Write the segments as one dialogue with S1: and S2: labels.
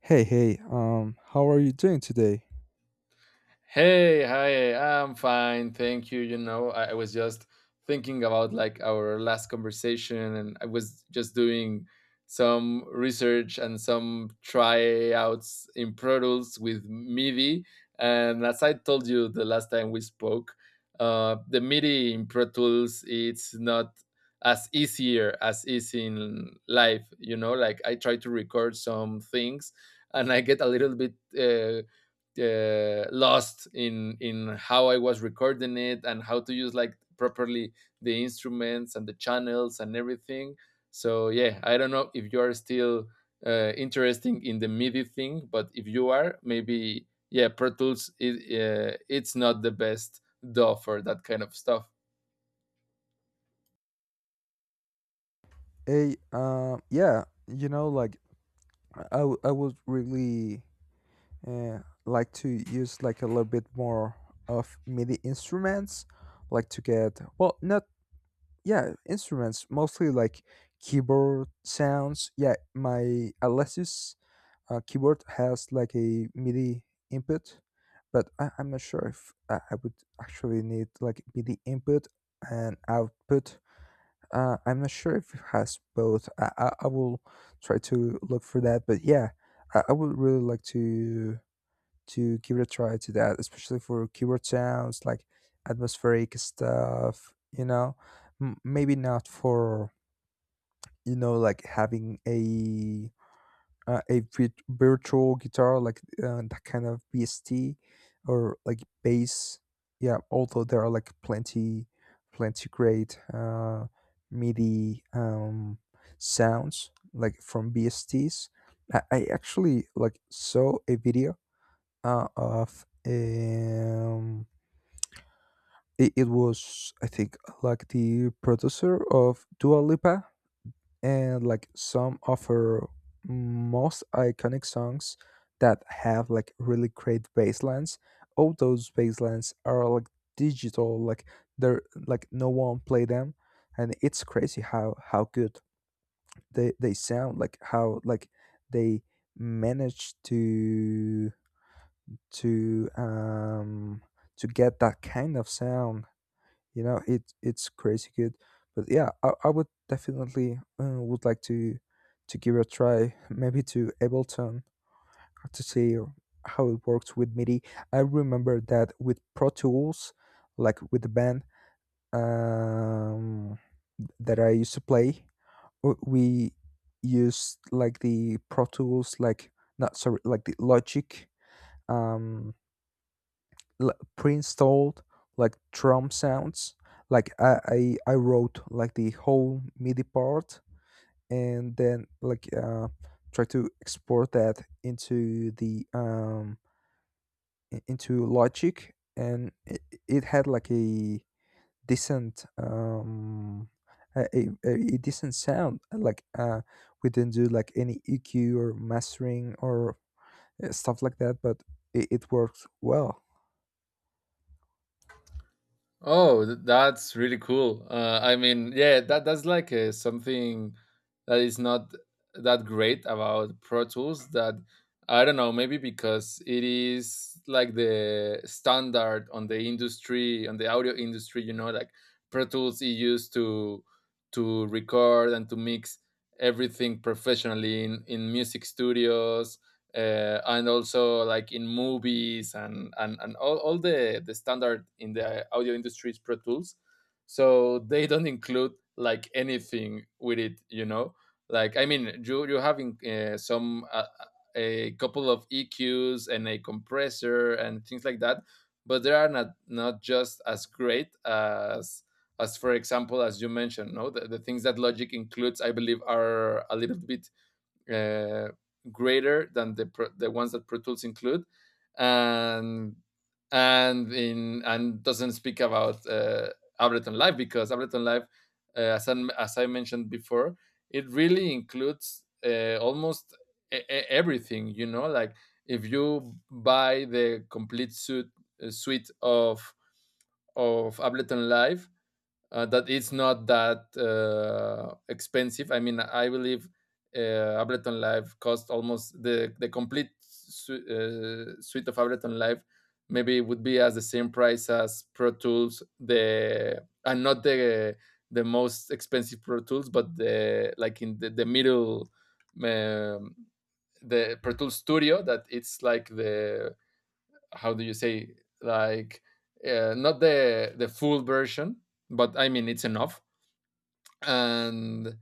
S1: Hey, how are you doing today?
S2: Hey, hi, I'm fine. Thank you. You know, I was just thinking about like our last conversation and I was just doing some research and some tryouts in Pro Tools with MIDI. And as I told you the last time we spoke, the MIDI in Pro Tools it's not as easier as is in life. You know, like I try to record some things and I get a little bit. Lost in how I was recording it and how to use like properly the instruments and the channels and everything. So yeah, I don't know if you are still interested in the MIDI thing, but if you are, maybe yeah, Pro Tools, it's not the best DAW for that kind of stuff.
S1: Hey, yeah, like I would really uh, like to use like a little bit more of MIDI instruments, like to get, well, not, yeah, instruments, mostly like keyboard sounds. Yeah, my Alesis keyboard has like a MIDI input, but I'm not sure if I would actually need like MIDI input and output. I'm not sure if it has both. I will try to look for that. But yeah, I would really like to give it a try to that, especially for keyword sounds like atmospheric stuff. Maybe not for, having a virtual guitar like that kind of BST or like bass. Yeah, although there are like plenty great MIDI sounds like from B S Ts. I actually like saw a video of it was I think like the producer of Dua Lipa and like some offer most iconic songs that have like really great bass lines. All those bass lines are like digital, like they're like no one play them, and it's crazy how good they sound, like how, like they manage to um to get that kind of sound. It's crazy good, but yeah, I would definitely would like to give it a try maybe to Ableton, to see how it works with MIDI. I remember that with Pro Tools, like with the band, um that I used to play, we used like the Pro Tools, like, not, sorry, like the Logic, um pre-installed like drum sounds. Like, I wrote like the whole MIDI part and then like try to export that into the, into Logic, and it had like a decent, a, a decent sound. Like we didn't do like any EQ or mastering or stuff like that, but it works well.
S2: Oh, that's really cool. I mean, yeah, that's like something that is not that great about Pro Tools. That I don't know, maybe because it is like the standard on the industry, on the audio industry. You know, like Pro Tools is used to record and to mix everything professionally in music studios, and also like in movies and all the standard in the audio industry is Pro Tools, so they don't include like anything with it, you know, like I mean you having some a couple of EQs and a compressor and things like that, but they are not just as great as for example as you mentioned. No, the things that Logic includes I believe are a little bit uh, greater than the ones that Pro Tools include, and and in and doesn't speak about Ableton Live, because Ableton Live, as I mentioned before, it really includes almost everything. You know, like if you buy the complete suite of Ableton Live, that it's not that expensive. I mean, I believe uh, Ableton Live cost almost the complete suite of Ableton Live, maybe it would be as the same price as Pro Tools, the and not the the most expensive Pro Tools, but the like in the middle, um, the Pro Tools Studio that it's like the, how do you say, like not the full version, but I mean it's enough, and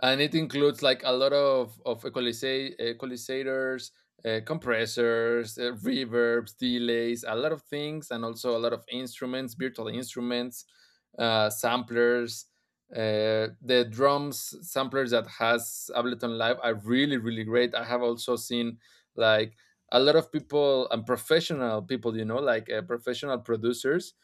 S2: and it includes like a lot of equalizators, compressors, reverbs, delays, a lot of things, and also a lot of instruments, virtual instruments, samplers, the drums samplers that has Ableton Live are really really great. I have also seen like a lot of people and professional people, you know, like professional producers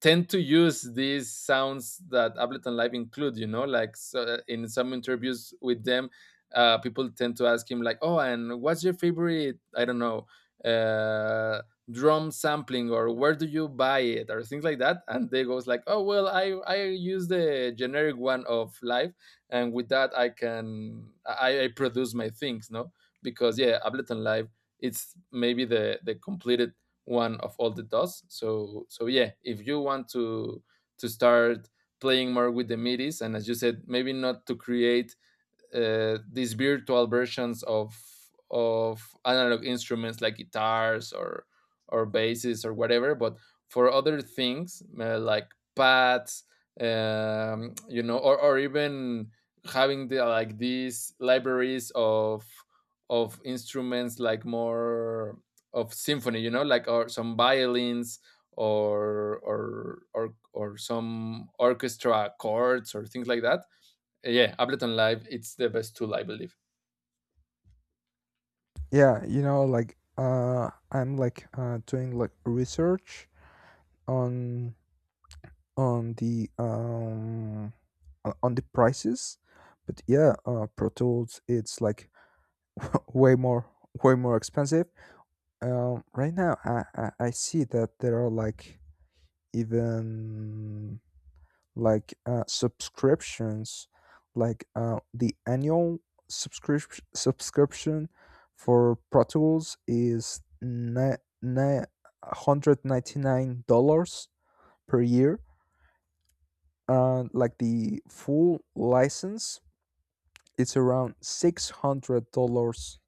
S2: tend to use these sounds that Ableton Live include. You know, like so in some interviews with them, people tend to ask him like, "Oh, and what's your favorite? I don't know." Uh, Drum sampling, or where do you buy it, or things like that, and they goes like, oh well, I use the generic one of Live, and with that I produce my things, no, because yeah, Ableton Live it's maybe the completed one of all the dots. So so yeah, if you want to start playing more with the MIDIs, and as you said, maybe not to create these virtual versions of analog instruments like guitars or basses or whatever, but for other things, like pads, you know, or even having the like these libraries of instruments, like more of symphony, you know, like, or some violins or some orchestra chords or things like that. Yeah, Ableton Live, it's the best tool, I believe.
S1: Yeah, you know, like, I'm like doing like research on, on the um on the prices. But yeah, Pro Tools, it's like way more, way more expensive. Right now, I see that there are like even, like, subscriptions, like the annual subscription for Pro Tools is $199 per year. And like the full license, it's around $600,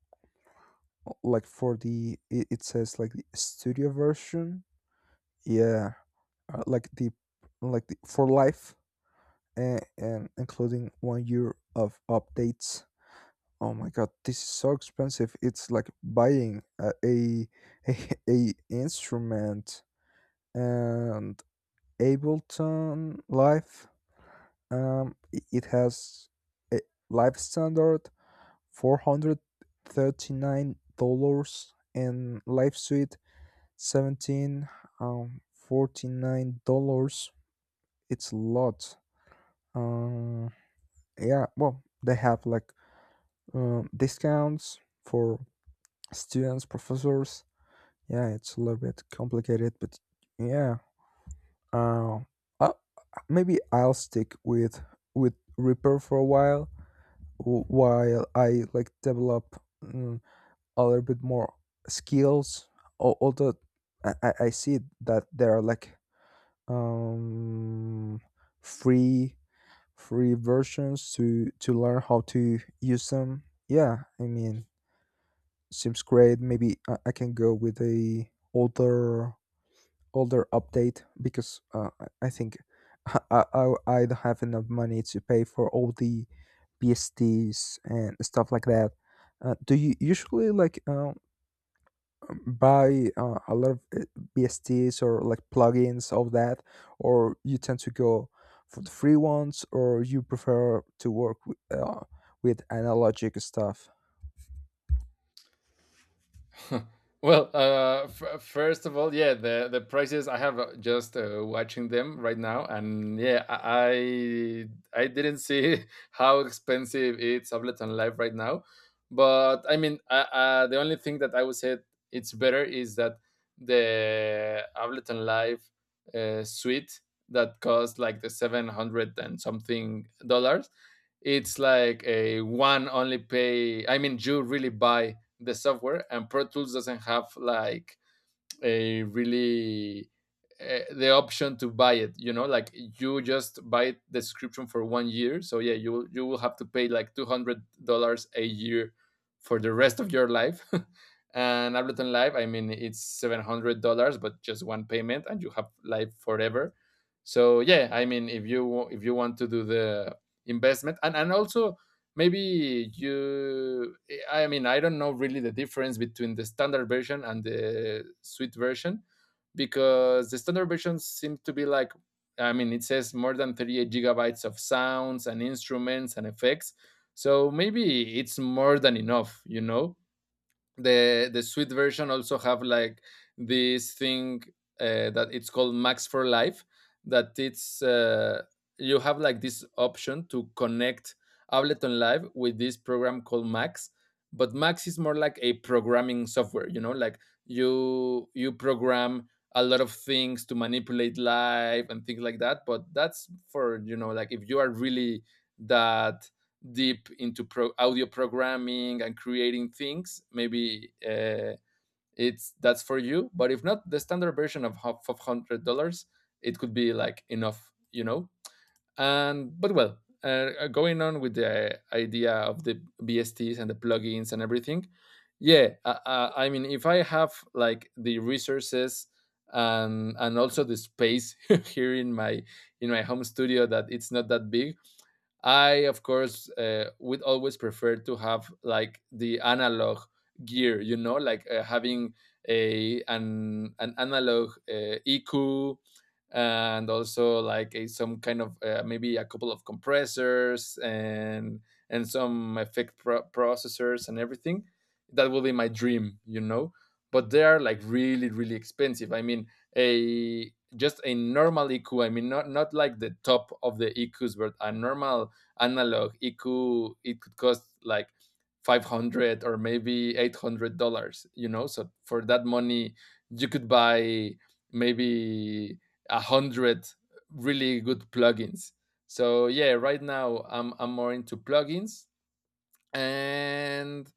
S1: like for the, it says like the studio version, yeah, like the, like the, for life, and including one year of updates. Oh my god, this is so expensive. It's like buying a, a instrument, and Ableton Live. I- it has a live standard $439, and live suite 17 $49. It's a lot. Um, yeah. Well, they have like discounts for students, professors. Yeah, it's a little bit complicated, but yeah. Uh, uh, maybe I'll stick with Reaper for a while, while I like develop, mm, a little bit more skills. Although I see that there are like um free free versions to learn how to use them. Yeah, I mean, seems great. Maybe I can go with a older, older update because I think I don't have enough money to pay for all the PSTs and stuff like that. Do you usually like buy a lot of BSTs or like plugins of that, or you tend to go for the free ones, or you prefer to work with analogic stuff?
S2: Well, first of all, yeah, the prices I have just watching them right now, and yeah, I didn't see how expensive it's Ableton Live right now, but I mean, the only thing that I would say it's better is that the Ableton Live suite, that costs like the 700 and something dollars, it's like a one only pay. I mean, you really buy the software, and Pro Tools doesn't have like a really the option to buy it, you know, like you just buy the subscription for 1 year. So yeah, you will have to pay like $200 a year for the rest of your life and Ableton Live, I mean, it's $700, but just one payment and you have Live forever. So yeah, I mean, if you want to do the investment, and also, maybe you, I mean, I don't know really the difference between the standard version and the suite version, because the standard version seems to be like, I mean, it says more than 38 gigabytes of sounds and instruments and effects. So maybe it's more than enough, you know? The sweet version also have like this thing, that it's called Max for Life, that it's you have like this option to connect Ableton Live with this program called Max. But Max is more like a programming software, you know, like you program a lot of things to manipulate Live and things like that, but that's for, you know, like, if you are really that deep into audio programming and creating things, maybe it's that's for you. But if not, the standard version of $500, it could be like enough, you know. And but well, going on with the idea of the BSTs and the plugins and everything, yeah, I mean, if I have like the resources, and also the space here in my home studio, that it's not that big, I, of course, would always prefer to have like the analog gear, you know, like having a an analog EQ, and also like a, some kind of maybe a couple of compressors and some effect processors and everything. That will be my dream, you know. But they are like really, really expensive. I mean, a just a normal EQ. I mean, not like the top of the EQs, but a normal analog, it could cost like 500 or maybe $800, you know, so for that money you could buy maybe a hundred really good plugins. So yeah, right now I'm more into plugins, and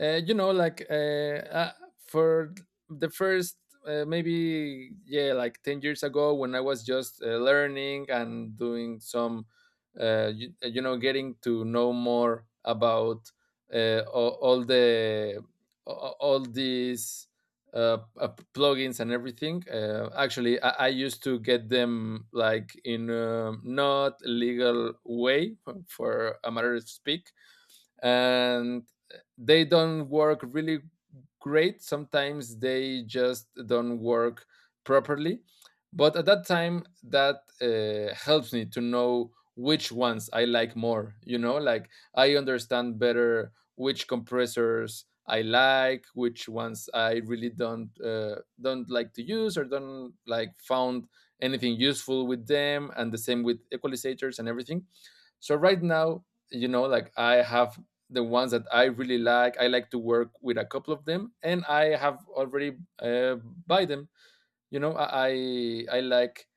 S2: you know, like for the first maybe yeah, like 10 years ago, when I was just learning and doing some, you know, getting to know more about all the all these plugins and everything. Actually, I used to get them like in a not legal way, for a matter of speak, and they don't work really great. Sometimes they just don't work properly. But at that time, that helps me to know which ones I like more. You know, like I understand better which compressors I like, which ones I really don't like to use or don't like found anything useful with them, and the same with equalizers and everything. So right now, you know, like I have the ones that I really like. I like to work with a couple of them, and I have already buy them, you know. Like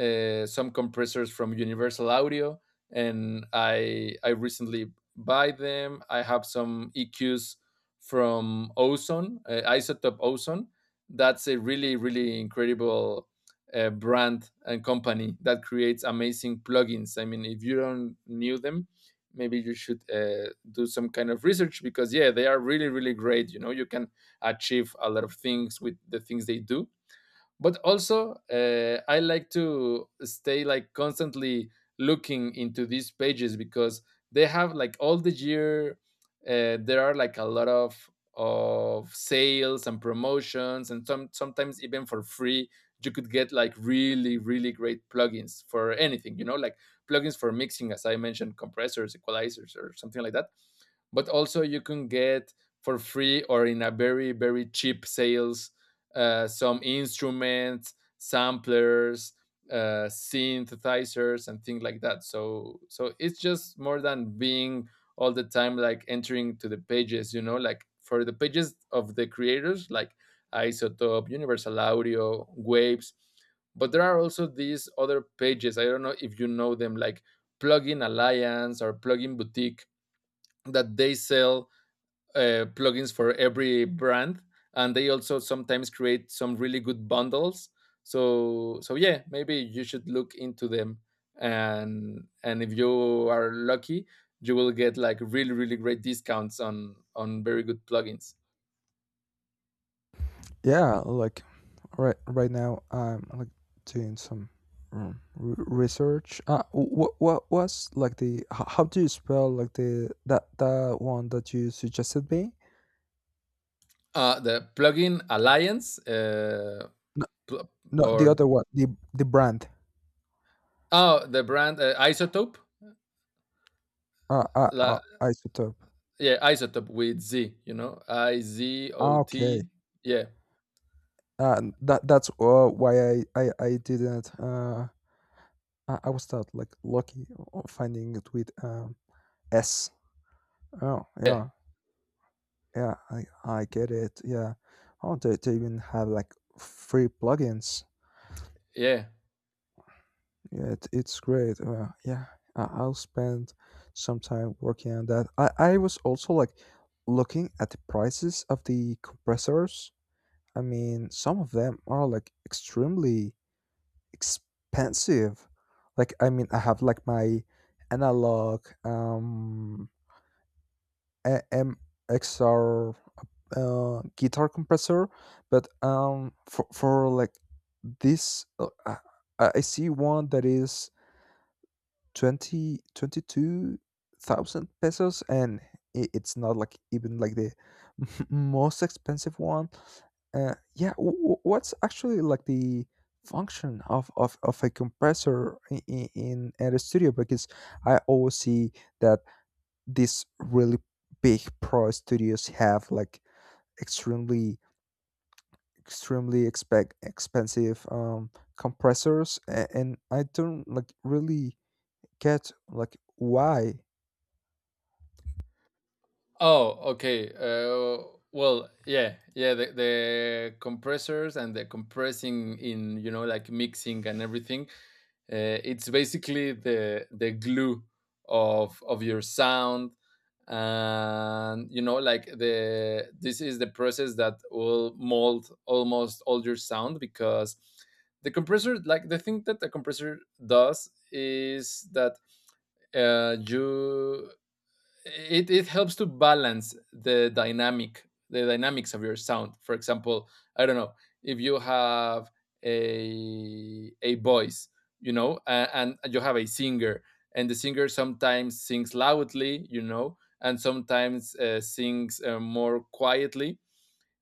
S2: some compressors from Universal Audio, and I recently buy them. I have some EQs from Ozone, Isotope Ozone. That's a really really incredible brand and company that creates amazing plugins. I mean, if you don't knew them, maybe you should do some kind of research, because yeah, they are really really great, you know. You can achieve a lot of things with the things they do. But also, I like to stay like constantly looking into these pages, because they have like all the year there are like a lot of sales and promotions, and sometimes even for free you could get like really really great plugins for anything, you know, like plugins for mixing, as I mentioned, compressors, equalizers, or something like that. But also you can get for free or in a very very cheap sales some instruments, samplers, synthesizers and things like that. So so it's just more than being all the time like entering to the pages, you know, like for the pages of the creators like Isotope, Universal Audio, Waves. But there are also these other pages, I don't know if you know them, like Plugin Alliance or Plugin Boutique, that they sell plugins for every brand, and they also sometimes create some really good bundles. So so yeah, maybe you should look into them, and if you are lucky, you Will get like really, really great discounts on very good plugins.
S1: Yeah, like, right now I'm like doing some, research. What was like the, how do you spell like the, that, that one that you suggested me?
S2: The plugin alliance.
S1: No,
S2: Pl-
S1: no, the
S2: or
S1: other one, the brand.
S2: oh, the brand, isotope. la,
S1: Isotope.
S2: yeah, isotope with z, you know, I Z O
S1: Ah, okay.
S2: T. Yeah,
S1: That, that's why I didn't. I was not like lucky finding it with S. Oh
S2: yeah,
S1: yeah. Yeah, I get it. Yeah. Oh, they even have like free plugins.
S2: yeah.
S1: Yeah, it, it's great. Yeah, I'll spend some time working on that. I was also like looking at the prices of the compressors. I mean, some of them are like extremely expensive. Like, I mean, I have like my analog, AMXR guitar compressor, but for like this, I see one that is 22,000 pesos, and it's not like even like the most expensive one. Yeah, what's actually like the function of a compressor in a studio, because I always see that these really big pro studios have like extremely, extremely expect expensive compressors, and I don't like really get like why.
S2: Oh, okay. Well, yeah, yeah. The compressors and the compressing in, you know, like mixing and everything. It's basically the glue of your sound, and you know like the this is the process that will mold almost all your sound, because the compressor, like, the thing that the compressor does is that you it helps to balance the dynamic the dynamics of your sound. For example, I don't know, if you have a voice, you know, and you have a singer, and the singer sometimes sings loudly, you know, and sometimes sings more quietly,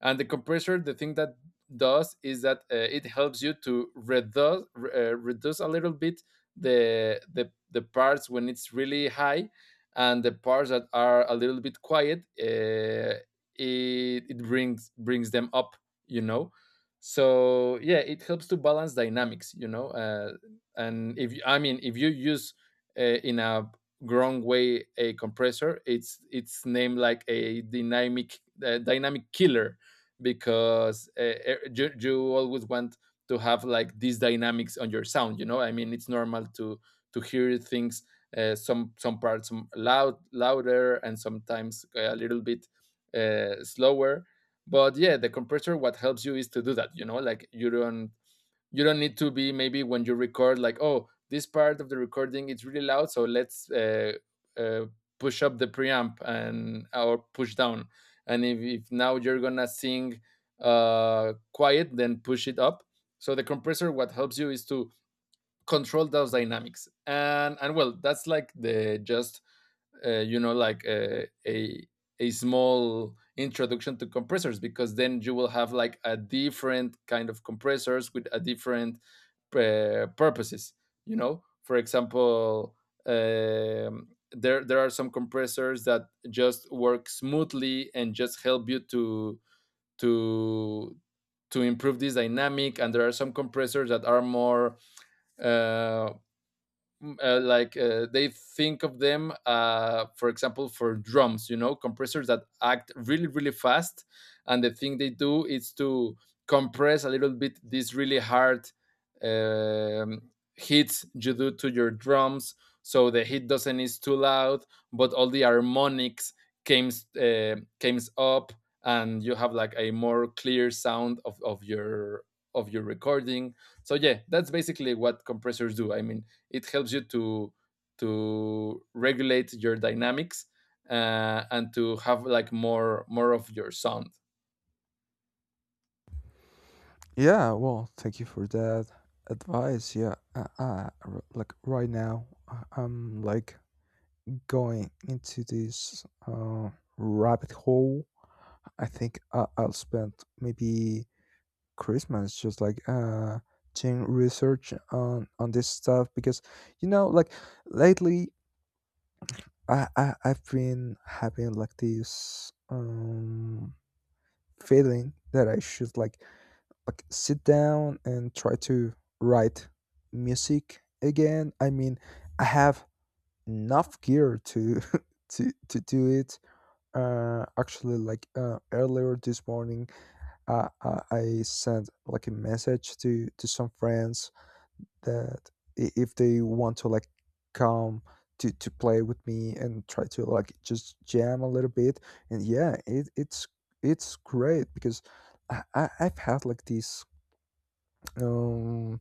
S2: and the compressor, the thing that does is that, it helps you to reduce reduce a little bit the the parts when it's really high, and the parts that are a little bit quiet, it it brings them up. You know, so yeah, it helps to balance dynamics. You know, and if you, I mean, if you use in a wrong way a compressor, it's named like a dynamic dynamic killer, because you, you always want to have like these dynamics on your sound, you know. I mean, it's normal to hear things, some parts loud louder and sometimes a little bit slower. But yeah, the compressor, what helps you is to do that, you know, like, you don't need to be, maybe when you record, like, oh, this part of the recording is really loud, so let's uh, push up the preamp and or push down. And if now you're gonna sing quiet, then push it up. So the compressor, what helps you is to control those dynamics, and well, that's like the just you know, like a small introduction to compressors, because then you will have like a different kind of compressors with a different purposes. You know, for example, there there are some compressors that just work smoothly and just help you to to improve this dynamic, and there are some compressors that are more uh, they think of them, for example, for drums, you know, compressors that act really really fast, and the thing they do is to compress a little bit these really hard um, hits you do to your drums, so the hit doesn't is too loud, but all the harmonics came comes up, and you have like a more clear sound of your recording. So yeah, that's basically what compressors do. I mean, it helps you to regulate your dynamics and to have like more more of your sound.
S1: Yeah, well, thank you for that advice. Yeah, like right now, I'm like going into this rabbit hole. I think I'll spend maybe Christmas, just like doing research on this stuff because, you know, like, lately, I've been having like this feeling that I should like, sit down and try to write music again. I mean, I have enough gear to to do it. Actually, like earlier this morning, I sent like a message to some friends that, if they want to like come to play with me and try to like just jam a little bit. And yeah, it, it's great because I've had like this, um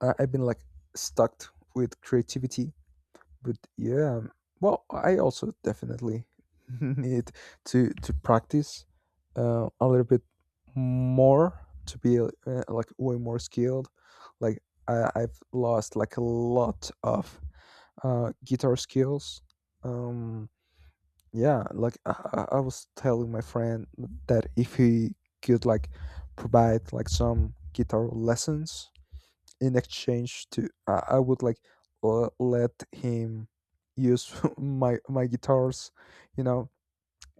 S1: I've been like stuck with creativity, but yeah, well, I also definitely need to practice a little bit more to be like way more skilled. Like, I've lost like a lot of guitar skills. Um, yeah, like, I was telling my friend that if he could like provide like some guitar lessons in exchange to, I would like let him use my guitars, you know.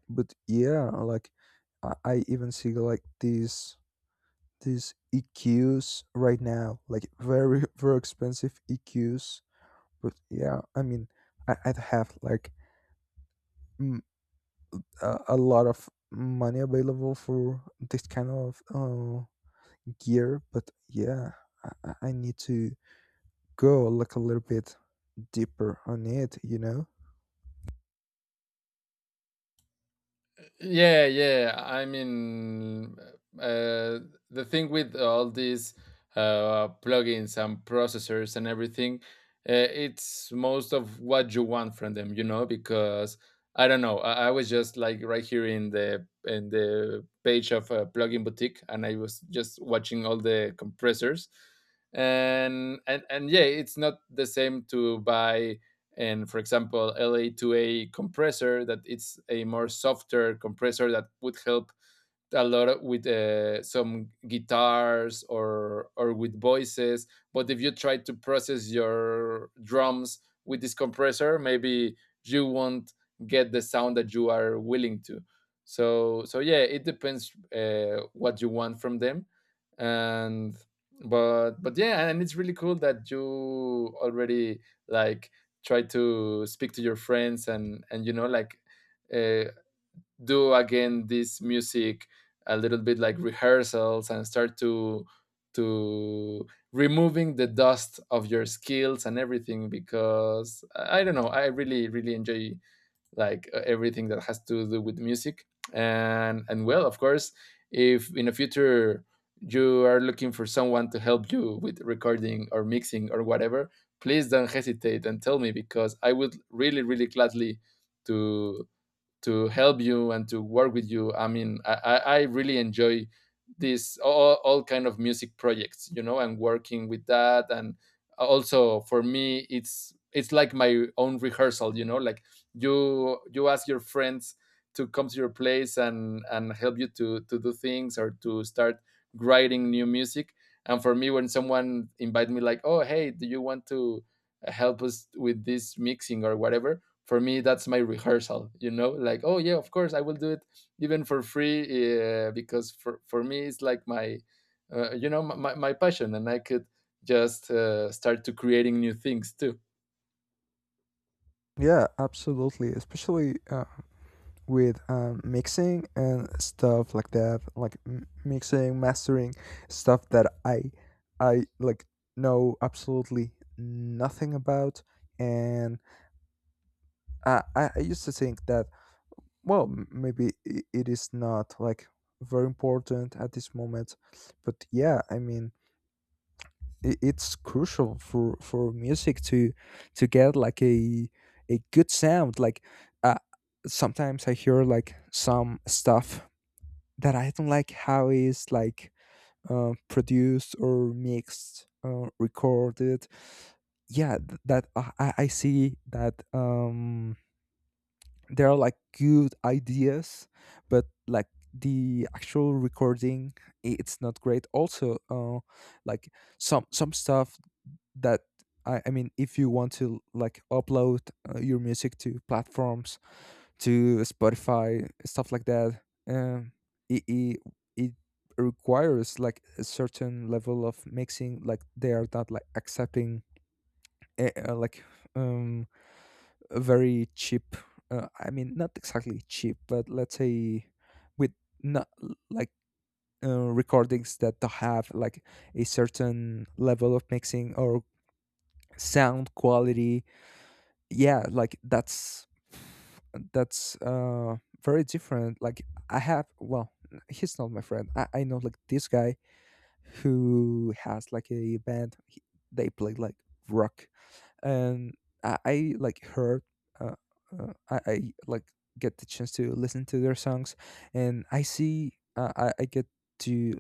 S1: But yeah, like, I even see like these EQs right now, like very very expensive EQs. But yeah, I mean, I'd have like mm, a lot of money available for this kind of gear. But yeah, I need to go like a little bit deeper on it, you know.
S2: Yeah, yeah. I mean, uh, the thing with all these plugins and processors and everything, it's most of what you want from them, you know, because I don't know, I was just like right here in the page of a plugin boutique, and I was just watching all the compressors, and yeah, it's not the same to buy and, for example, LA2A compressor that it's a more softer compressor that would help a lot with some guitars, or with voices. But if you try to process your drums with this compressor, maybe you won't get the sound that you are willing to. So so yeah, it depends, what you want from them. And but yeah, and it's really cool that you already, like, try to speak to your friends, and you know like, uh, do again this music, a little bit, like rehearsals, and start to removing the dust of your skills and everything, because I don't know, I really really enjoy like everything that has to do with music. And well, of course, if in the future you are looking for someone to help you with recording or mixing or whatever, please don't hesitate and tell me, because I would really, really gladly to to help you and to work with you. I mean, I really enjoy this all kind of music projects, you know, and working with that. And also for me, it's like my own rehearsal, you know, like, you ask your friends to come to your place and help you to do things or to start writing new music. And for me, when someone invite me, like, oh hey, do you want to help us with this mixing or whatever? For me, that's my rehearsal, you know, like, oh yeah, of course I will do it, even for free, because for me, it's like my you know, my passion, and I could just start to creating new things too.
S1: Yeah, absolutely, especially with mixing and stuff like that, like mixing, mastering, stuff that I like know absolutely nothing about. And I used to think that, well, maybe it is not like very important at this moment, but yeah, I mean, it's crucial for music to get like a good sound. Like, uh, sometimes I hear like some stuff that I don't like how is like produced or mixed, recorded. Yeah, that I I see that, there are like good ideas, but like, the actual recording, it's not great. Also, like, some stuff that, I mean, if you want to like upload your music to platforms, to Spotify, stuff like that, um it, it it requires like a certain level of mixing, like they are not like accepting like um a very cheap, I mean, not exactly cheap, but let's say with, not, like, recordings that don't have like a certain level of mixing or sound quality. Yeah, like, that's very different. Like, I have, well, he's not my friend, I know, like, this guy who has like a band, he, they play like rock. And I like heard uh, I like get the chance to listen to their songs, and I see, I get to,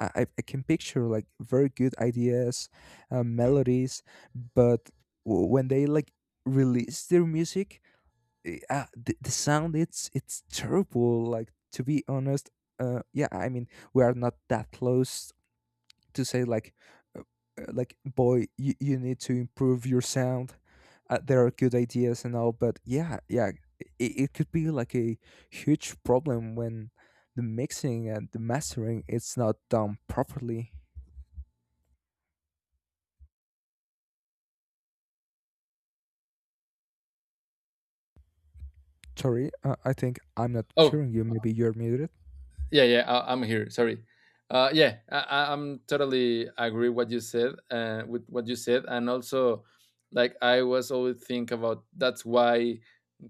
S1: I, I can picture like very good ideas, melodies. But when they like release their music, the sound, it's terrible. Like, to be honest, yeah, I mean, we are not that close to say like, uh, like, boy, you need to improve your sound. There are good ideas and all, but yeah, yeah, it could be like a huge problem when the mixing and the mastering, it's not done properly. Sorry, I think I'm not
S2: Oh,
S1: hearing you. Maybe you're muted.
S2: yeah, yeah, I, I'm here, sorry. Yeah, I, I'm totally agree what you said, with what you said. And also, like, I was always think about that's why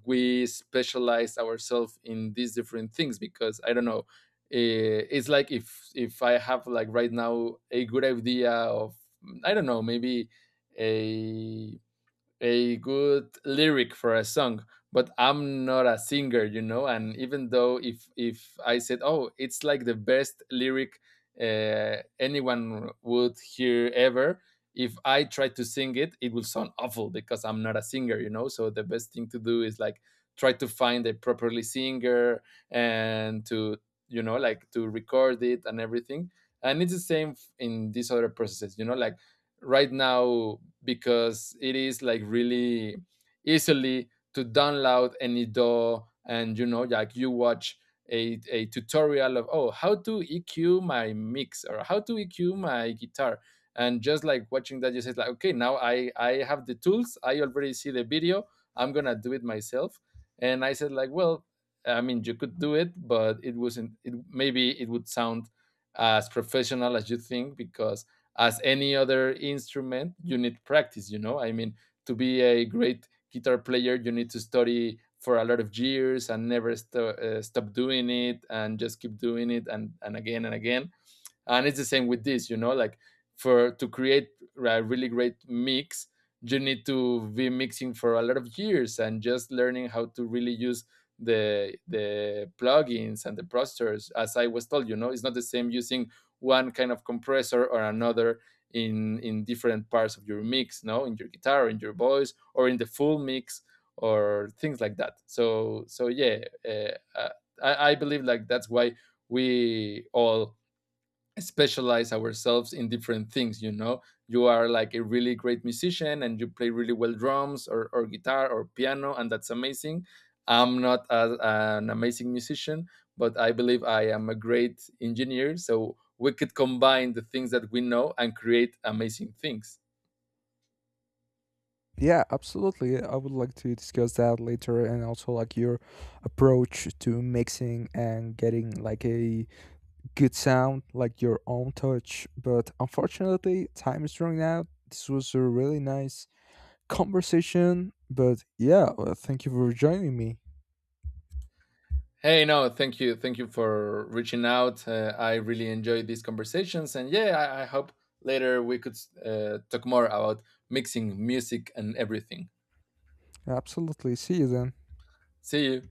S2: we specialize ourselves in these different things, because I don't know, it's like, if I have like right now a good idea of, I don't know, maybe a a good lyric for a song, but I'm not a singer, you know, and even though, if I said, oh, it's like the best lyric anyone would hear ever, if I try to sing it, it will sound awful, because I'm not a singer, you know, so the best thing to do is, like, try to find a properly singer and to, you know, like, to record it and everything. And it's the same in these other processes, you know, like, right now, because it is like really easily to download any DAW, and you know, like, you watch a tutorial of oh how to EQ my mix or how to EQ my guitar, and just like watching that, you say like, okay, now I have the tools, I already see the video, I'm gonna do it myself. And I said like, well, I mean, you could do it, but it wasn't, it maybe it would sound as professional as you think, because as any other instrument, you need practice, you know? I mean, to be a great guitar player, you need to study for a lot of years and never stop doing it, and just keep doing it and again and again. And it's the same with this, you know, like, for to create a really great mix, you need to be mixing for a lot of years and just learning how to really use the plugins and the processors, as I was told. You know, it's not the same using one kind of compressor or another in different parts of your mix, no, in your guitar, in your voice, or in the full mix, or things like that. So so yeah, uh, uh, I believe like that's why we all specialize ourselves in different things, you know. You are like a really great musician, and you play really well drums, or guitar or piano, and that's amazing. I'm not a, an amazing musician, but I believe I am a great engineer, so we could combine the things that we know and create amazing things.
S1: Yeah, absolutely. I would like to discuss that later, and also like your approach to mixing and getting like a good sound, like your own touch. But unfortunately, time is running out. This was a really nice conversation. But yeah, well, thank you for joining me.
S2: Hey, no, thank you, thank you for reaching out. I really enjoyed these conversations, and yeah, I hope later we could talk more about mixing music and everything.
S1: Absolutely. See you then.
S2: See you.